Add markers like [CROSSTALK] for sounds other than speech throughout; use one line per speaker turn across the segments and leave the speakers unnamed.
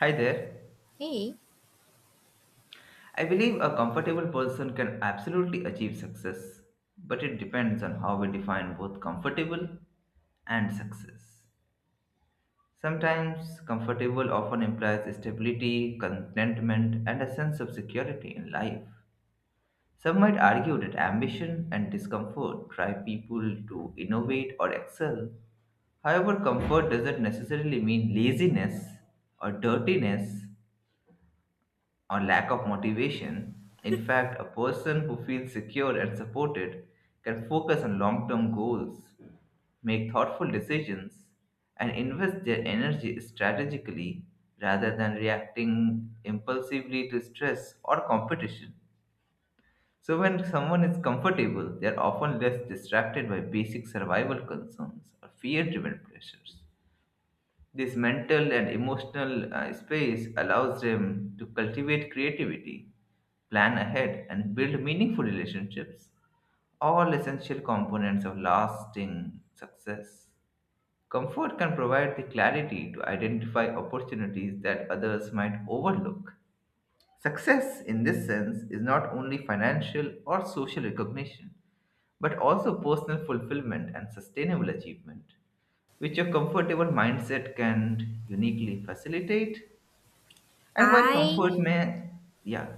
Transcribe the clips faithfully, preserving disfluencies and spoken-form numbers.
Hi there.
Hey,
I believe a comfortable person can absolutely achieve success, but it depends on how we define both comfortable and success. Sometimes, comfortable often implies stability, contentment, and a sense of security in life. Some might argue that ambition and discomfort drive people to innovate or excel. However, comfort doesn't necessarily mean laziness or dirtiness or lack of motivation. In fact, a person who feels secure and supported can focus on long term goals, make thoughtful decisions, and invest their energy strategically rather than reacting impulsively to stress or competition. So, when someone is comfortable, they are often less distracted by basic survival concerns or fear driven pressures. This mental and emotional uh, space allows them to cultivate creativity, plan ahead, and build meaningful relationships, all essential components of lasting success. Comfort can provide the clarity to identify opportunities that others might overlook. Success, in this sense, is not only financial or social recognition, but also personal fulfillment and sustainable achievement, which a comfortable mindset can uniquely facilitate. And while comfort
I
may, yeah,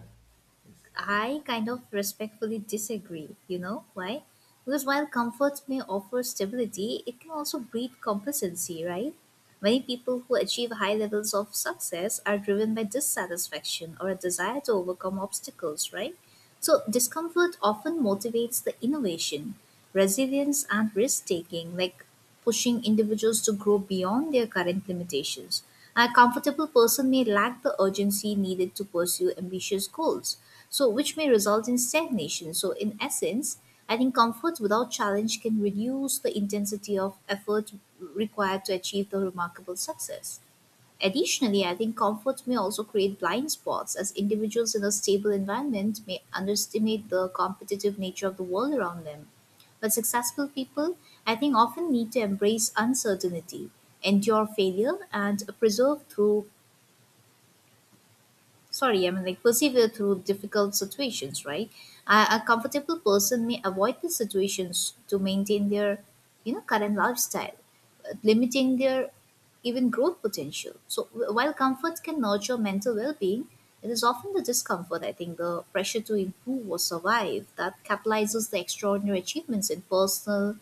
yes.
I kind of respectfully disagree. You know why? Because while comfort may offer stability, it can also breed complacency, right? Many people who achieve high levels of success are driven by dissatisfaction or a desire to overcome obstacles, right? So discomfort often motivates the innovation, resilience, and risk taking. Like pushing individuals to grow beyond their current limitations. A comfortable person may lack the urgency needed to pursue ambitious goals, so which may result in stagnation. So in essence, I think comfort without challenge can reduce the intensity of effort required to achieve the remarkable success. Additionally, I think comfort may also create blind spots as individuals in a stable environment may underestimate the competitive nature of the world around them. But successful people, I think, often need to embrace uncertainty, endure failure, and preserve through sorry, I mean like persevere through difficult situations, right? A, a comfortable person may avoid the situations to maintain their, you know, current lifestyle, uh, limiting their even growth potential. So wh- while comfort can nurture mental well-being, it is often the discomfort, I think, the pressure to improve or survive that catalyzes the extraordinary achievements in personal,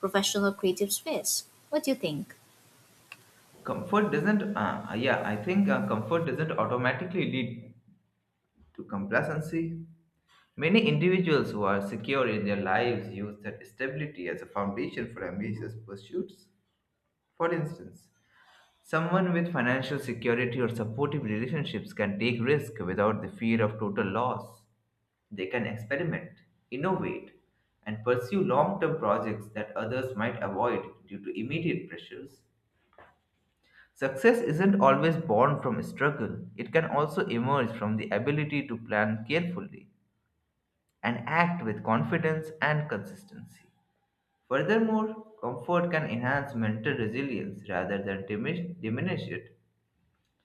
professional, creative space. What do you think?
Comfort doesn't uh, yeah i think uh, comfort doesn't automatically lead to complacency. Many individuals who are secure in their lives use that stability as a foundation for ambitious pursuits. For instance, someone with financial security or supportive relationships can take risk without the fear of total loss. They can experiment, innovate, and pursue long-term projects that others might avoid due to immediate pressures. Success isn't always born from struggle, it can also emerge from the ability to plan carefully and act with confidence and consistency. Furthermore, comfort can enhance mental resilience rather than dimi- diminish it.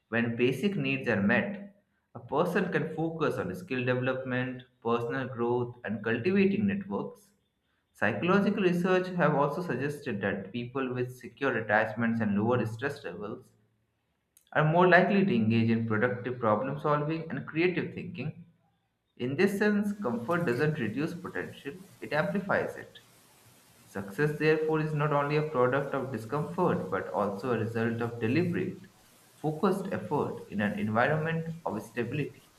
When basic needs are met, a person can focus on skill development, personal growth, and cultivating networks. Psychological research have also suggested that people with secure attachments and lower stress levels are more likely to engage in productive problem solving and creative thinking. In this sense, comfort doesn't reduce potential, it amplifies it. Success, therefore, is not only a product of discomfort but also a result of deliberate, focused effort in an environment of stability.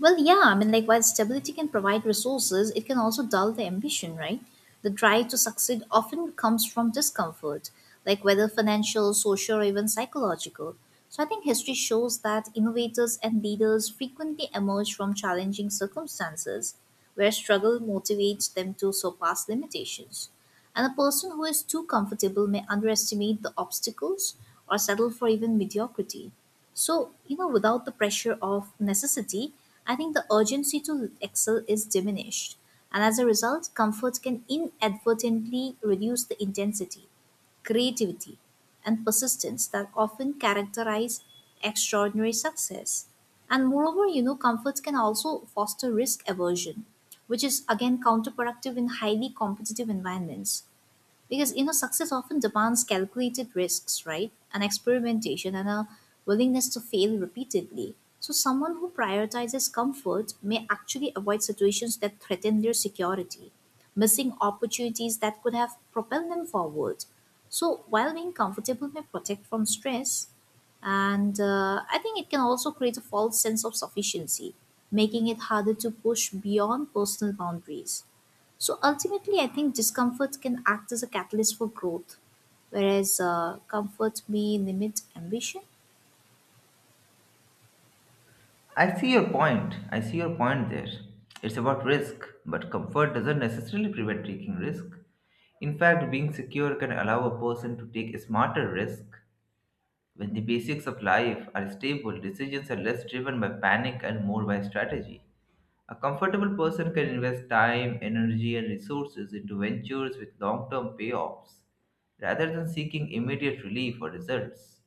Well, yeah, I mean, like while stability can provide resources, it can also dull the ambition, right? The drive to succeed often comes from discomfort, like whether financial, social, or even psychological. So I think history shows that innovators and leaders frequently emerge from challenging circumstances where struggle motivates them to surpass limitations. And a person who is too comfortable may underestimate the obstacles or settle for even mediocrity. So, you know, without the pressure of necessity, I think the urgency to excel is diminished. And as a result, comfort can inadvertently reduce the intensity, creativity, and persistence that often characterize extraordinary success. And moreover, you know, comforts can also foster risk aversion, which is again counterproductive in highly competitive environments. Because you know, success often demands calculated risks, right? And experimentation and a willingness to fail repeatedly. So someone who prioritizes comfort may actually avoid situations that threaten their security, missing opportunities that could have propelled them forward. So while being comfortable may protect from stress, and uh, I think it can also create a false sense of sufficiency, making it harder to push beyond personal boundaries. So ultimately, I think discomfort can act as a catalyst for growth, whereas uh, comfort may limit ambition.
I see your point. I see your point there. It's about risk, but comfort doesn't necessarily prevent taking risk. In fact, being secure can allow a person to take smarter risk. When the basics of life are stable, decisions are less driven by panic and more by strategy. A comfortable person can invest time, energy, and resources into ventures with long term payoffs rather than seeking immediate relief or results.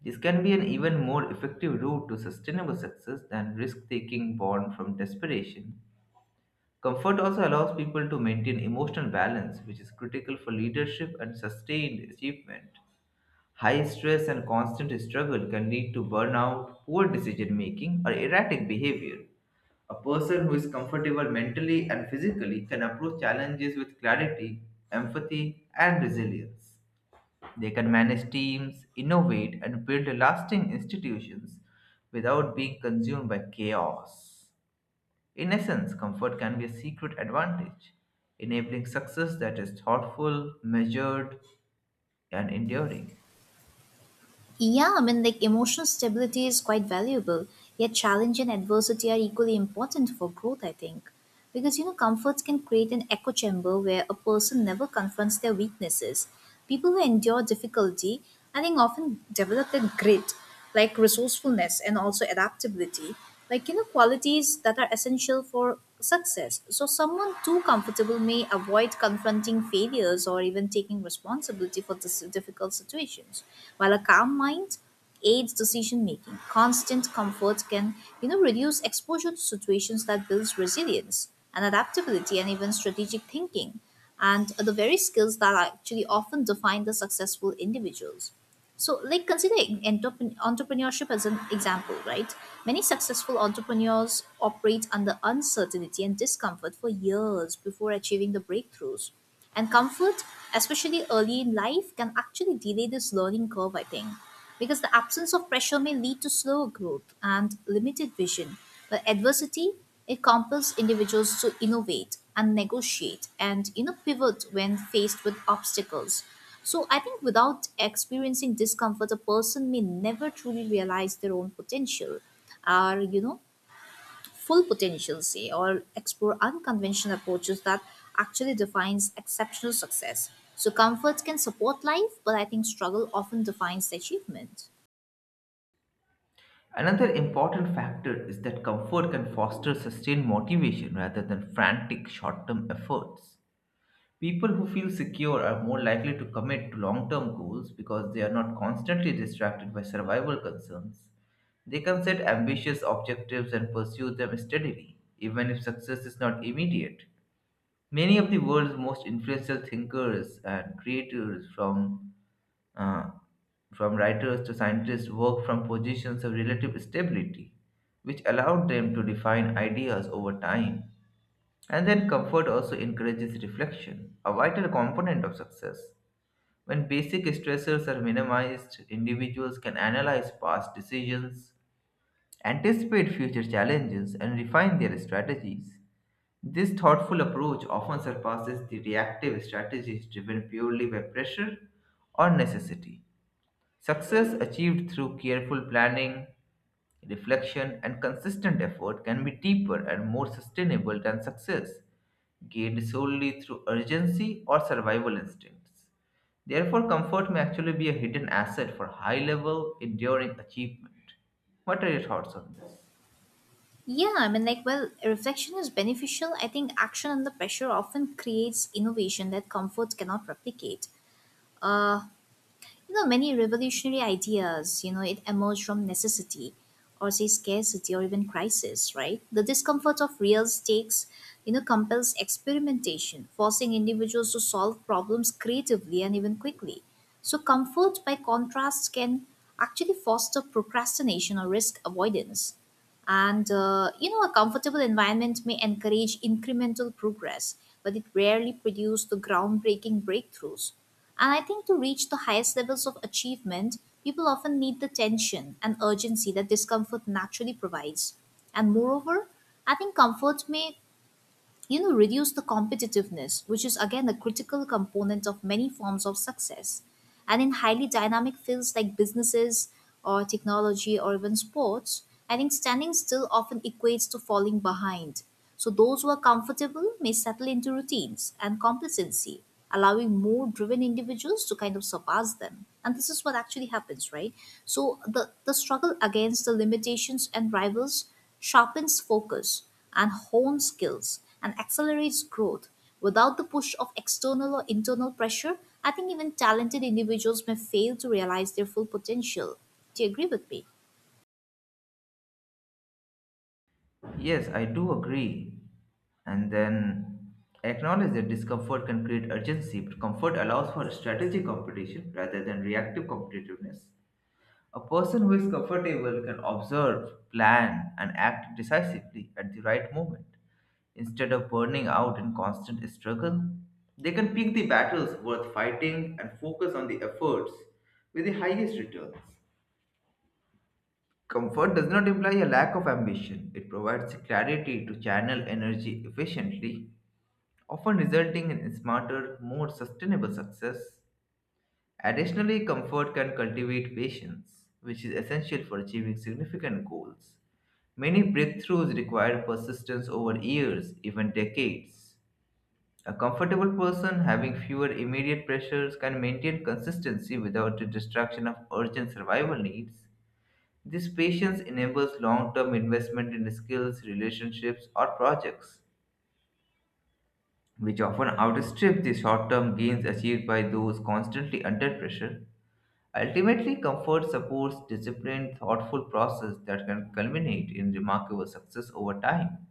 This can be an even more effective route to sustainable success than risk taking born from desperation. Comfort also allows people to maintain emotional balance, which is critical for leadership and sustained achievement. High stress and constant struggle can lead to burnout, poor decision making, or erratic behavior. A person who is comfortable mentally and physically can approach challenges with clarity, empathy, and resilience. They can manage teams, innovate, and build lasting institutions without being consumed by chaos. In essence, comfort can be a secret advantage, enabling success that is thoughtful, measured, and enduring.
Yeah, I mean, like emotional stability is quite valuable, yet challenge and adversity are equally important for growth, I think. Because, you know, comforts can create an echo chamber where a person never confronts their weaknesses. People who endure difficulty, I think, often develop that grit like resourcefulness and also adaptability like you know qualities that are essential for success. So someone too comfortable may avoid confronting failures or even taking responsibility for this difficult situations while a calm mind aids decision making. Constant comfort can, you know, reduce exposure to situations that builds resilience and adaptability and even strategic thinking, and the very skills that are actually often define the successful individuals. So, like considering entrep- entrepreneurship as an example, right? Many successful entrepreneurs operate under uncertainty and discomfort for years before achieving the breakthroughs. And comfort, especially early in life, can actually delay this learning curve, I think, because the absence of pressure may lead to slower growth and limited vision. But adversity, it compels individuals to innovate and negotiate and you know pivot when faced with obstacles. So I think without experiencing discomfort, a person may never truly realize their own potential, or you know, full potential, say, or explore unconventional approaches that actually defines exceptional success. So comfort can support life, but I think struggle often defines the achievement.
Another important factor is that comfort can foster sustained motivation rather than frantic short term efforts. People who feel secure are more likely to commit to long term goals because they are not constantly distracted by survival concerns. They can set ambitious objectives and pursue them steadily, even if success is not immediate. Many of the world's most influential thinkers and creators, from uh, from writers to scientists, work from positions of relative stability, which allowed them to define ideas over time. And then comfort also encourages reflection, a vital component of success. When basic stressors are minimized, individuals can analyze past decisions, anticipate future challenges, and refine their strategies. This thoughtful approach often surpasses the reactive strategies driven purely by pressure or necessity. Success achieved through careful planning, reflection, and consistent effort can be deeper and more sustainable than success gained solely through urgency or survival instincts. Therefore, comfort may actually be a hidden asset for high level, enduring achievement. What are your thoughts on this?
Yeah, I mean, like, well, reflection is beneficial. I think action under pressure often creates innovation that comfort cannot replicate. Uh, you know many revolutionary ideas you know it emerged from necessity or say scarcity or even crisis, right? The discomfort of real stakes, you know, compels experimentation, forcing individuals to solve problems creatively and even quickly. So comfort by contrast can actually foster procrastination or risk avoidance, and uh, you know, a comfortable environment may encourage incremental progress, but it rarely produces the groundbreaking breakthroughs. And I think to reach the highest levels of achievement, people often need the tension and urgency that discomfort naturally provides. And moreover, I think comfort may, you know, reduce the competitiveness, which is again a critical component of many forms of success. And in highly dynamic fields like businesses or technology or even sports, I think standing still often equates to falling behind. So those who are comfortable may settle into routines and complacency, allowing more driven individuals to kind of surpass them, and this is what actually happens, right? So the the struggle against the limitations and rivals sharpens focus and hones skills and accelerates growth. Without the push of external or internal pressure, I think even talented individuals may fail to realize their full potential. Do you agree with me?
Yes, I do agree. And then acknowledge that discomfort can create urgency, but comfort allows for strategic competition rather than reactive competitiveness. A person who is comfortable can observe, plan, and act decisively at the right moment. Instead of burning out in constant struggle, they can pick the battles worth fighting and focus on the efforts with the highest returns. Comfort does not imply a lack of ambition. It provides clarity to channel energy efficiently, often resulting in smarter, more sustainable success. Additionally, comfort can cultivate patience, which is essential for achieving significant goals. Many breakthroughs require persistence over years, even decades. A comfortable person having fewer immediate pressures can maintain consistency without the distraction of urgent survival needs. This patience enables long term investment in skills, relationships, or projects, which often outstrip the short term gains achieved by those constantly under pressure. Ultimately, comfort supports disciplined, thoughtful process that can culminate in remarkable success over time.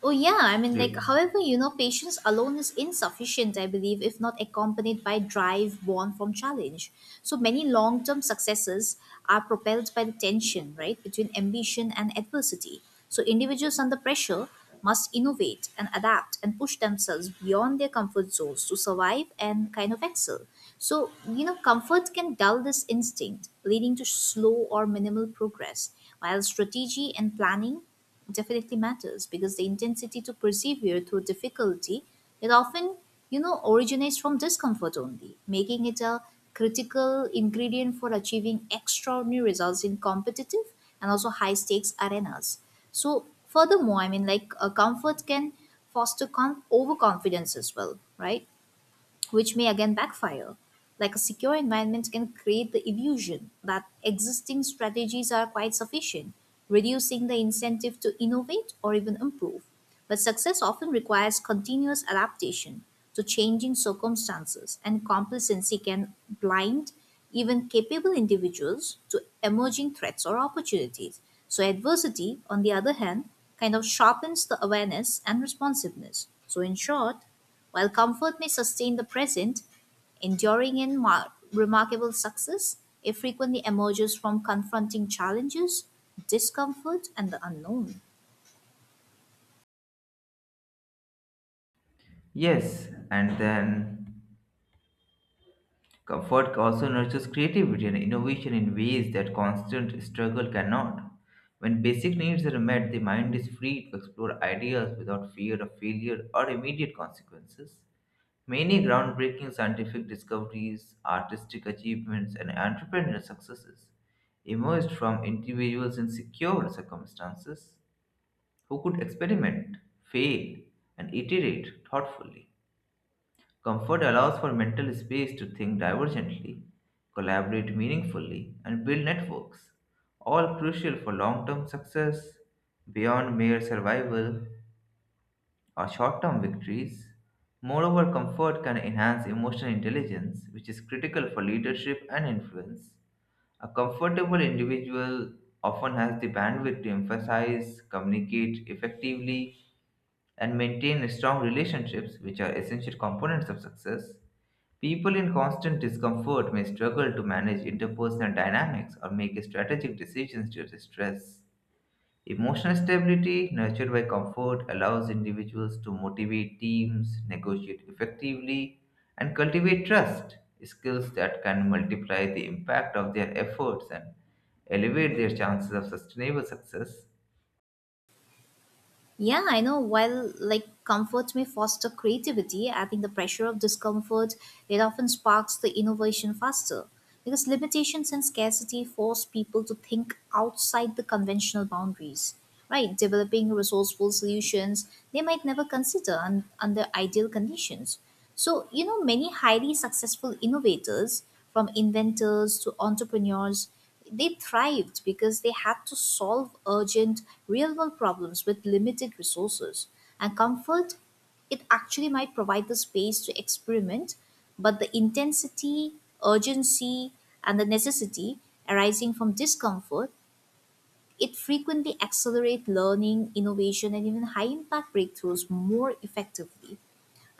Oh yeah, I mean like
Re-
however, you know, patience alone is insufficient, I believe, if not accompanied by drive born from challenge. So many long-term successes are propelled by the tension, right, between ambition and adversity. So individuals under pressure must innovate and adapt and push themselves beyond their comfort zones to survive and kind of excel. So, you know, comfort can dull this instinct, leading to slow or minimal progress, while strategy and planning definitely matters, because the intensity to persevere through difficulty, it often, you know, originates from discomfort only, making it a critical ingredient for achieving extraordinary results in competitive and also high stakes arenas. So furthermore, I mean like a comfort can foster con- overconfidence as well, right? Which may again backfire. Like a secure environment can create the illusion that existing strategies are quite sufficient, reducing the incentive to innovate or even improve. But success often requires continuous adaptation to changing circumstances, and complacency can blind even capable individuals to emerging threats or opportunities. So, adversity, on the other hand, kind of sharpens the awareness and responsiveness. So, in short, while comfort may sustain the present, enduring and mar- remarkable success, it frequently emerges from confronting challenges, discomfort, and the unknown.
Yes, and then comfort also nurtures creativity and innovation in ways that constant struggle cannot. When basic needs are met, the mind is free to explore ideas without fear of failure or immediate consequences. Many groundbreaking scientific discoveries, artistic achievements, and entrepreneurial successes emerged from individuals in secure circumstances who could experiment, fail, and iterate thoughtfully. Comfort allows for mental space to think divergently, collaborate meaningfully, and build networks, all crucial for long term success beyond mere survival or short term victories. Moreover, comfort can enhance emotional intelligence, which is critical for leadership and influence. A comfortable individual often has the bandwidth to emphasize, communicate effectively, and maintain strong relationships, which are essential components of success. People in constant discomfort may struggle to manage interpersonal dynamics or make strategic decisions due to stress. Emotional stability, nurtured by comfort, allows individuals to motivate teams, negotiate effectively, and cultivate trust, skills that can multiply the impact of their efforts and elevate their chances of sustainable success.
Yeah, I know. While like comfort may foster creativity, I think the pressure of discomfort, it often sparks the innovation faster because limitations and scarcity force people to think outside the conventional boundaries. Right, developing resourceful solutions they might never consider un- under ideal conditions. So, you know, many highly successful innovators, from inventors to entrepreneurs, they thrived because they had to solve urgent, real world problems with limited resources. And comfort, it actually might provide the space to experiment, but the intensity, urgency, and the necessity arising from discomfort, it frequently accelerates learning, innovation, and even high impact breakthroughs more effectively.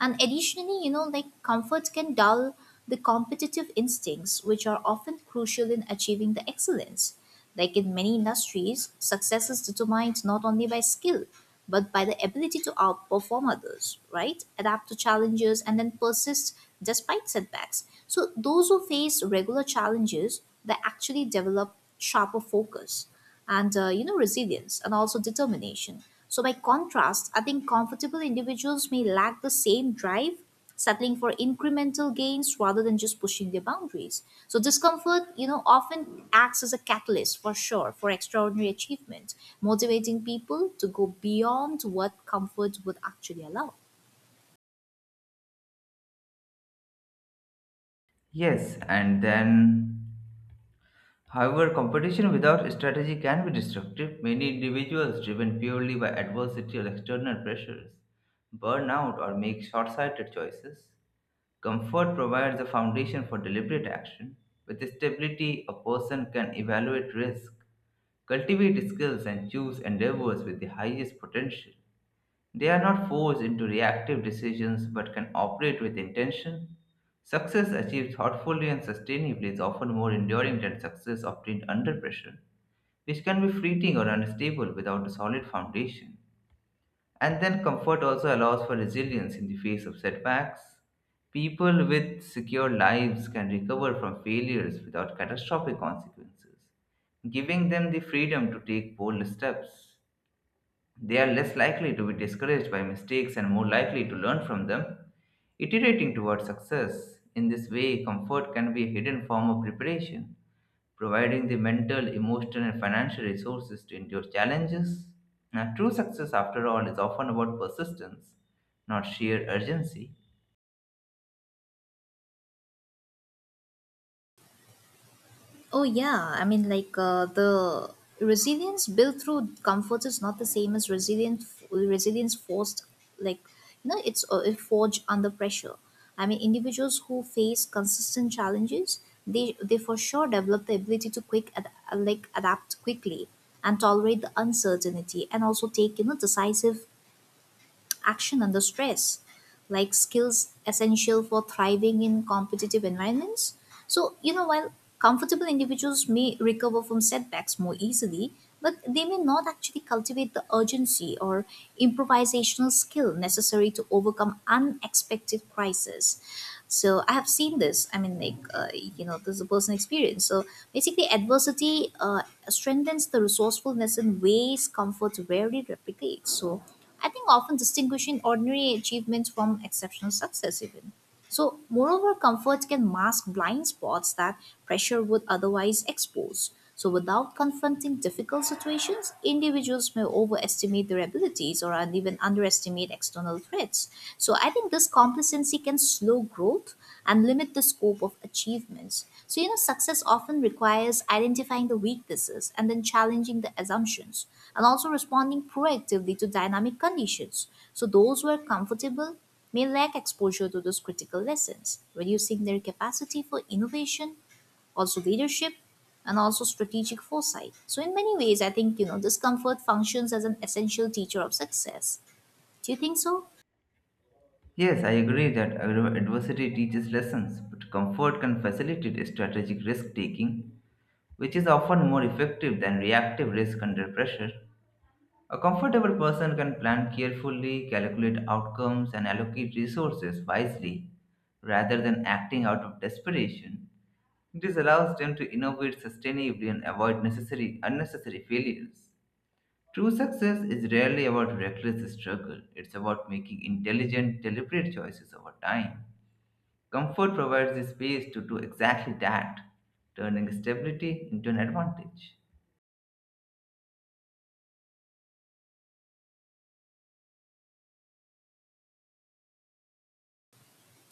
And additionally, you know, like comfort can dull the competitive instincts, which are often crucial in achieving the excellence. Like in many industries, success is determined not only by skill, but by the ability to outperform others, right? Adapt to challenges and then persist despite setbacks. So, those who face regular challenges, they actually develop sharper focus and uh, you know resilience and also determination. So by contrast, I think comfortable individuals may lack the same drive, settling for incremental gains rather than just pushing their boundaries. So discomfort, you know, often acts as a catalyst for sure for extraordinary achievement, motivating people to go beyond what comfort would actually allow.
Yes, and then, however, competition without strategy can be destructive. Many individuals, driven purely by adversity or external pressures, burn out or make short sighted choices. Comfort provides a foundation for deliberate action. With stability, a person can evaluate risk, cultivate skills, and choose endeavors with the highest potential. They are not forced into reactive decisions but can operate with intention. Success achieved thoughtfully and sustainably is often more enduring than success obtained under pressure, which can be fleeting or unstable without a solid foundation. And then comfort also allows for resilience in the face of setbacks. People with secure lives can recover from failures without catastrophic consequences, giving them the freedom to take bold steps. They are less likely to be discouraged by mistakes and more likely to learn from them, iterating towards success. In this way, comfort can be a hidden form of preparation, providing the mental, emotional, and financial resources to endure challenges. Now, true success, after all, is often about persistence, not sheer urgency.
Oh yeah, I mean like uh, the resilience built through comfort is not the same as resilience resilience forced, like you know it's uh, it forged under pressure. I mean individuals who face consistent challenges, they they for sure develop the ability to quick ad- like adapt quickly and tolerate the uncertainty and also take, you know, decisive action under stress, like skills essential for thriving in competitive environments. So, you know, while comfortable individuals may recover from setbacks more easily, but they may not actually cultivate the urgency or improvisational skill necessary to overcome unexpected crises. So I have seen this. I mean, like uh, you know, this is a personal experience. So basically, adversity uh, strengthens the resourcefulness in ways comfort rarely replicates. So I think often distinguishing ordinary achievements from exceptional success, even. So, moreover, comfort can mask blind spots that pressure would otherwise expose. So, without confronting difficult situations, individuals may overestimate their abilities or and even underestimate external threats. So, I think this complacency can slow growth and limit the scope of achievements. So, you know, success often requires identifying the weaknesses and then challenging the assumptions and also responding proactively to dynamic conditions. So, those who are comfortable may lack exposure to those critical lessons, reducing their capacity for innovation, also leadership, and also strategic foresight. So, in many ways, I think, you know, discomfort functions as an essential teacher of success. Do you think so?
Yes, I agree that agro- adversity teaches lessons, but comfort can facilitate strategic risk taking, which is often more effective than reactive risk under pressure. A comfortable person can plan carefully, calculate outcomes, and allocate resources wisely rather than acting out of desperation. This allows them to innovate sustainably and avoid necessary unnecessary failures. True success is rarely about reckless struggle. It's about making intelligent, deliberate choices over time. Comfort provides the space to do exactly that, turning stability into an advantage.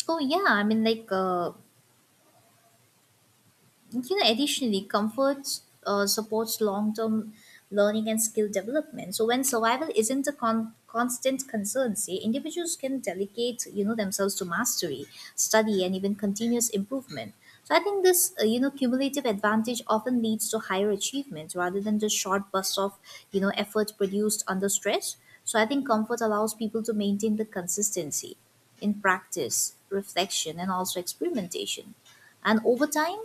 Oh, yeah. I mean, like, uh, You know, additionally, comfort uh, supports long term learning and skill development. So, when survival isn't a con- constant concern, say, individuals can delegate, you know, themselves to mastery, study, and even continuous improvement. So, I think this, uh, you know, cumulative advantage often leads to higher achievement rather than just short bursts of, you know, effort produced under stress. So, I think comfort allows people to maintain the consistency in practice, reflection, and also experimentation. And over time,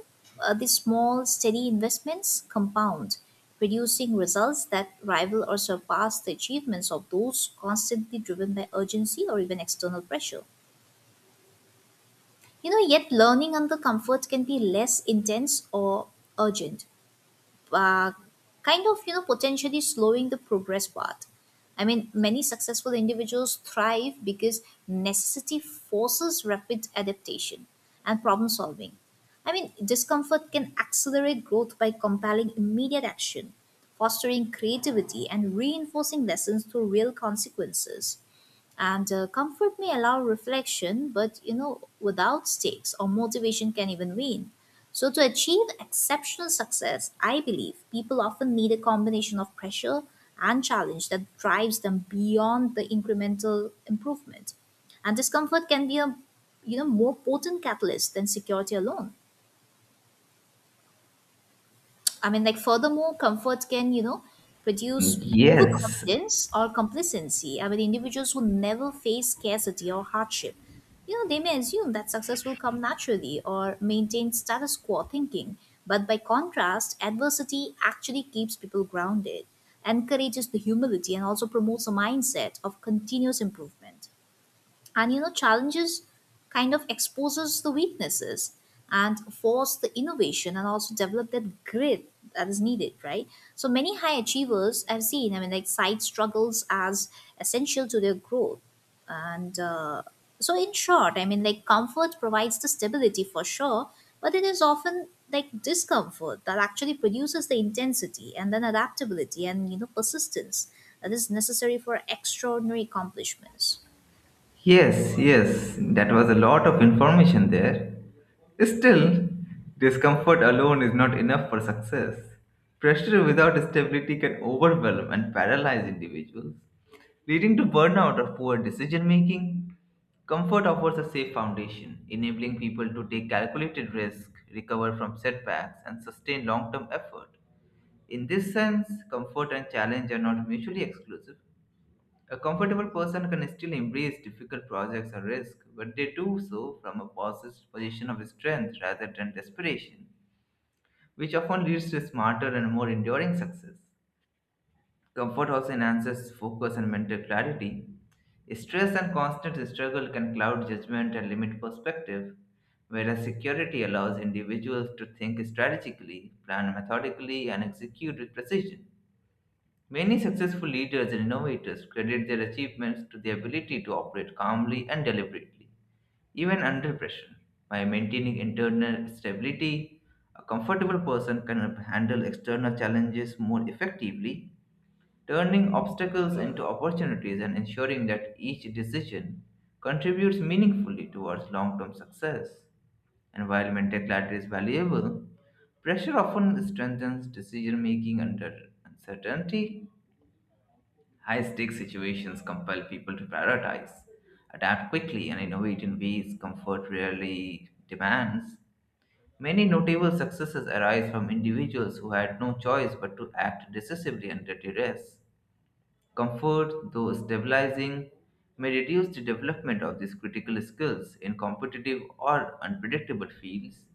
uh, these small, steady investments compound, producing results that rival or surpass the achievements of those constantly driven by urgency or even external pressure. You know, yet learning under comfort can be less intense or urgent, uh, kind of, you know, potentially slowing the progress path. I mean, many successful individuals thrive because necessity forces rapid adaptation and problem solving. I mean, discomfort can accelerate growth by compelling immediate action, fostering creativity, and reinforcing lessons through real consequences. And uh, comfort may allow reflection, but you know, without stakes or motivation can even wane. So to achieve exceptional success, I believe people often need a combination of pressure and challenge that drives them beyond the incremental improvement. And discomfort can be a, you know, more potent catalyst than security alone. I mean, like, furthermore, comfort can, you know, produce
Yes,
overconfidence or complacency. I mean, individuals who never face scarcity or hardship, you know, they may assume that success will come naturally or maintain status quo thinking. But by contrast, adversity actually keeps people grounded, encourages the humility, and also promotes a mindset of continuous improvement. And you know, challenges kind of exposes the weaknesses and force the innovation and also develop that grit that is needed, right? So many high achievers I've seen, I mean, like, side struggles as essential to their growth. And uh, so in short, I mean, like, comfort provides the stability for sure, but it is often like discomfort that actually produces the intensity and then adaptability and, you know, persistence that is necessary for extraordinary accomplishments.
yes, yes, that was a lot of information there. Still, discomfort alone is not enough for success. Pressure without stability can overwhelm and paralyze individuals, leading to burnout or poor decision making. Comfort offers a safe foundation, enabling people to take calculated risk, recover from setbacks, and sustain long term effort. In this sense, comfort and challenge are not mutually exclusive. A comfortable person can still embrace difficult projects or risks, but they do so from a possess- position of strength rather than desperation, which often leads to smarter and more enduring success. Comfort also enhances focus and mental clarity. Stress and constant struggle can cloud judgment and limit perspective, whereas security allows individuals to think strategically, plan methodically, and execute with precision. Many successful leaders and innovators credit their achievements to the ability to operate calmly and deliberately, even under pressure. By maintaining internal stability, a comfortable person can handle external challenges more effectively, turning obstacles into opportunities and ensuring that each decision contributes meaningfully towards long term success. And while mental clarity is valuable, pressure often strengthens decision making under uncertainty. High stakes situations compel people to prioritize, adapt quickly, and innovate in ways comfort rarely demands. Many notable successes arise from individuals who had no choice but to act decisively under duress. Comfort, though stabilizing, may reduce the development of these critical skills in competitive or unpredictable fields.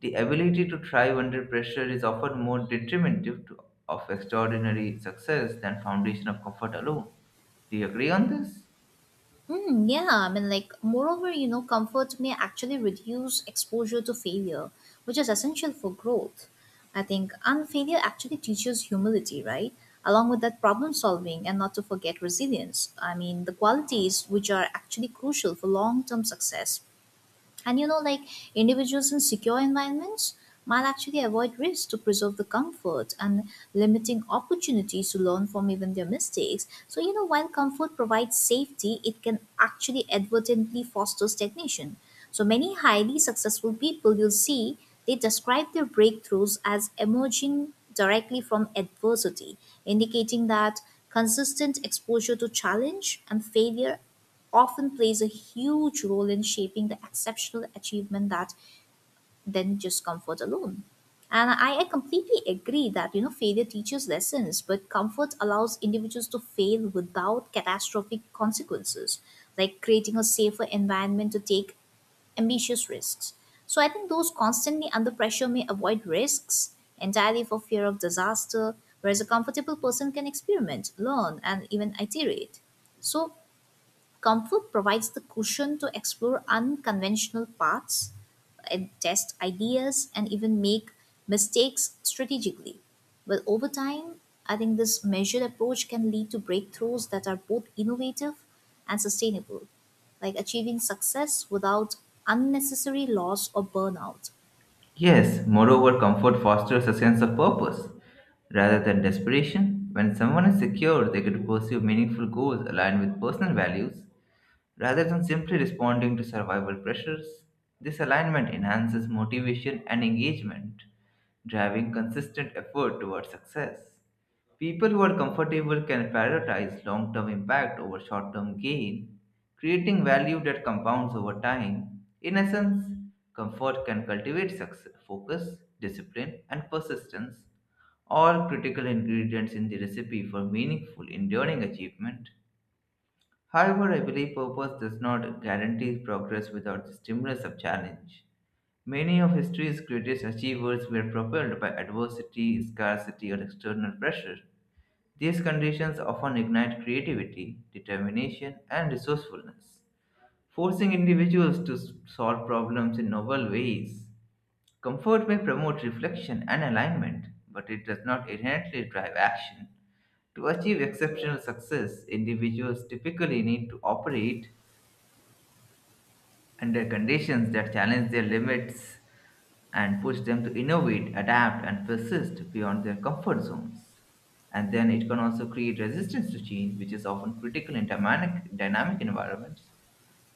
The ability to thrive under pressure is often more detrimental to, of extraordinary success than foundation of comfort alone. Do you agree on this?
Hmm, yeah, I mean, like, moreover, you know, comfort may actually reduce exposure to failure, which is essential for growth. I think, and failure actually teaches humility, right? Along with that, problem solving and not to forget resilience. I mean, the qualities which are actually crucial for long term success. And you know, like, individuals in secure environments might actually avoid risk to preserve the comfort and limiting opportunities to learn from even their mistakes. So, you know, while comfort provides safety, it can actually advertently foster stagnation. So, many highly successful people you'll see, they describe their breakthroughs as emerging directly from adversity, indicating that consistent exposure to challenge and failure often plays a huge role in shaping the exceptional achievement that than just comfort alone. And I, I completely agree that you know failure teaches lessons, but comfort allows individuals to fail without catastrophic consequences, like creating a safer environment to take ambitious risks. So I think those constantly under pressure may avoid risks entirely for fear of disaster, whereas a comfortable person can experiment, learn, and even iterate. So comfort provides the cushion to explore unconventional paths, and test ideas, and even make mistakes strategically. Well, over time, I think this measured approach can lead to breakthroughs that are both innovative and sustainable, like achieving success without unnecessary loss or burnout.
Yes, moreover, comfort fosters a sense of purpose rather than desperation. When someone is secure, they can pursue meaningful goals aligned with personal values. Rather than simply responding to survival pressures, this alignment enhances motivation and engagement, driving consistent effort towards success. People who are comfortable can prioritize long term impact over short term gain, creating value that compounds over time. In essence, comfort can cultivate success, focus, discipline, and persistence, all critical ingredients in the recipe for meaningful, enduring achievement. However, I believe purpose does not guarantee progress without the stimulus of challenge. Many of history's greatest achievers were propelled by adversity, scarcity, or external pressure. These conditions often ignite creativity, determination, and resourcefulness, forcing individuals to s- solve problems in novel ways. Comfort may promote reflection and alignment, but it does not inherently drive action. To achieve exceptional success, individuals typically need to operate under conditions that challenge their limits and push them to innovate, adapt, and persist beyond their comfort zones. And then it can also create resistance to change, which is often critical in dynamic, dynamic environments.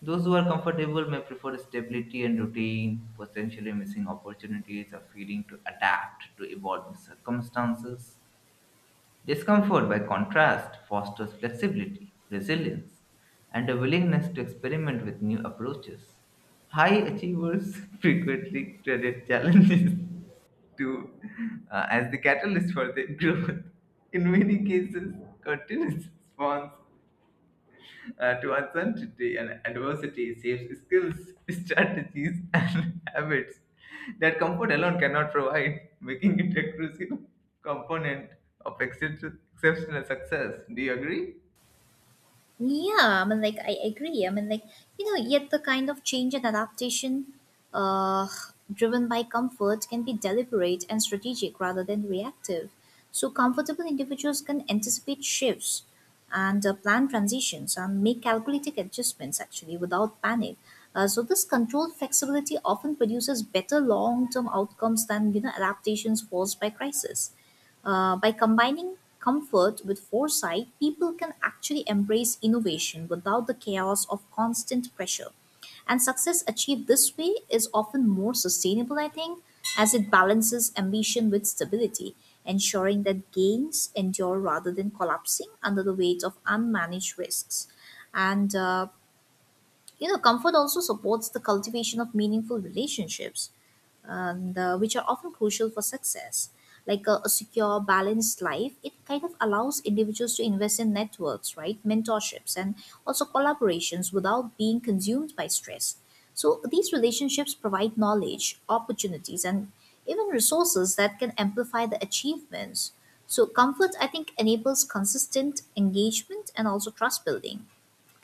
Those who are comfortable may prefer stability and routine, potentially missing opportunities or failing to adapt to evolving circumstances. Discomfort, by contrast, fosters flexibility, resilience, and a willingness to experiment with new approaches. High achievers [LAUGHS] frequently credit challenges [LAUGHS] to uh, as the catalyst for their growth. In many cases, continuous response uh, to uncertainty and adversity saves skills, [LAUGHS] strategies, and [LAUGHS] habits that comfort alone cannot provide, making it a crucial component of excep- exceptional success. Do you agree?
Yeah, I mean, like, I agree. I mean, like, you know, yet the kind of change and adaptation, uh, driven by comfort can be deliberate and strategic rather than reactive. So, comfortable individuals can anticipate shifts and uh, plan transitions and make calculated adjustments actually without panic. Uh, so, this controlled flexibility often produces better long term outcomes than, you know, adaptations forced by crisis. Uh, by combining comfort with foresight, people can actually embrace innovation without the chaos of constant pressure. And success achieved this way is often more sustainable, I think, as it balances ambition with stability, ensuring that gains endure rather than collapsing under the weight of unmanaged risks. And, uh, you know, comfort also supports the cultivation of meaningful relationships and uh, which are often crucial for success. Like a, a secure, balanced life, it kind of allows individuals to invest in networks, right? Mentorships and also collaborations without being consumed by stress. So these relationships provide knowledge, opportunities, and even resources that can amplify the achievements. So comfort, I think, enables consistent engagement and also trust building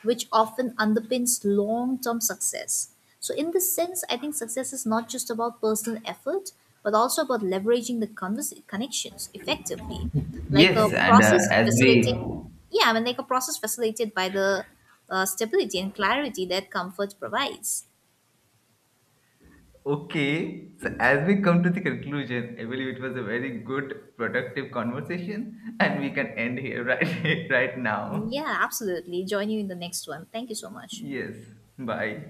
which often underpins long term success. So, in this sense, I think success is not just about personal effort, but also about leveraging the convers- connections effectively, like a
Yes, and uh,
process
as we
facilitated. Yeah, I mean, like a process facilitated by the uh, stability and clarity that comfort provides.
okay, so as we come to the conclusion, I believe it was a very good, productive conversation, and we can end here [LAUGHS] right, right now.
Yeah, absolutely. Join you in the next one. Thank you so much.
Yes, bye.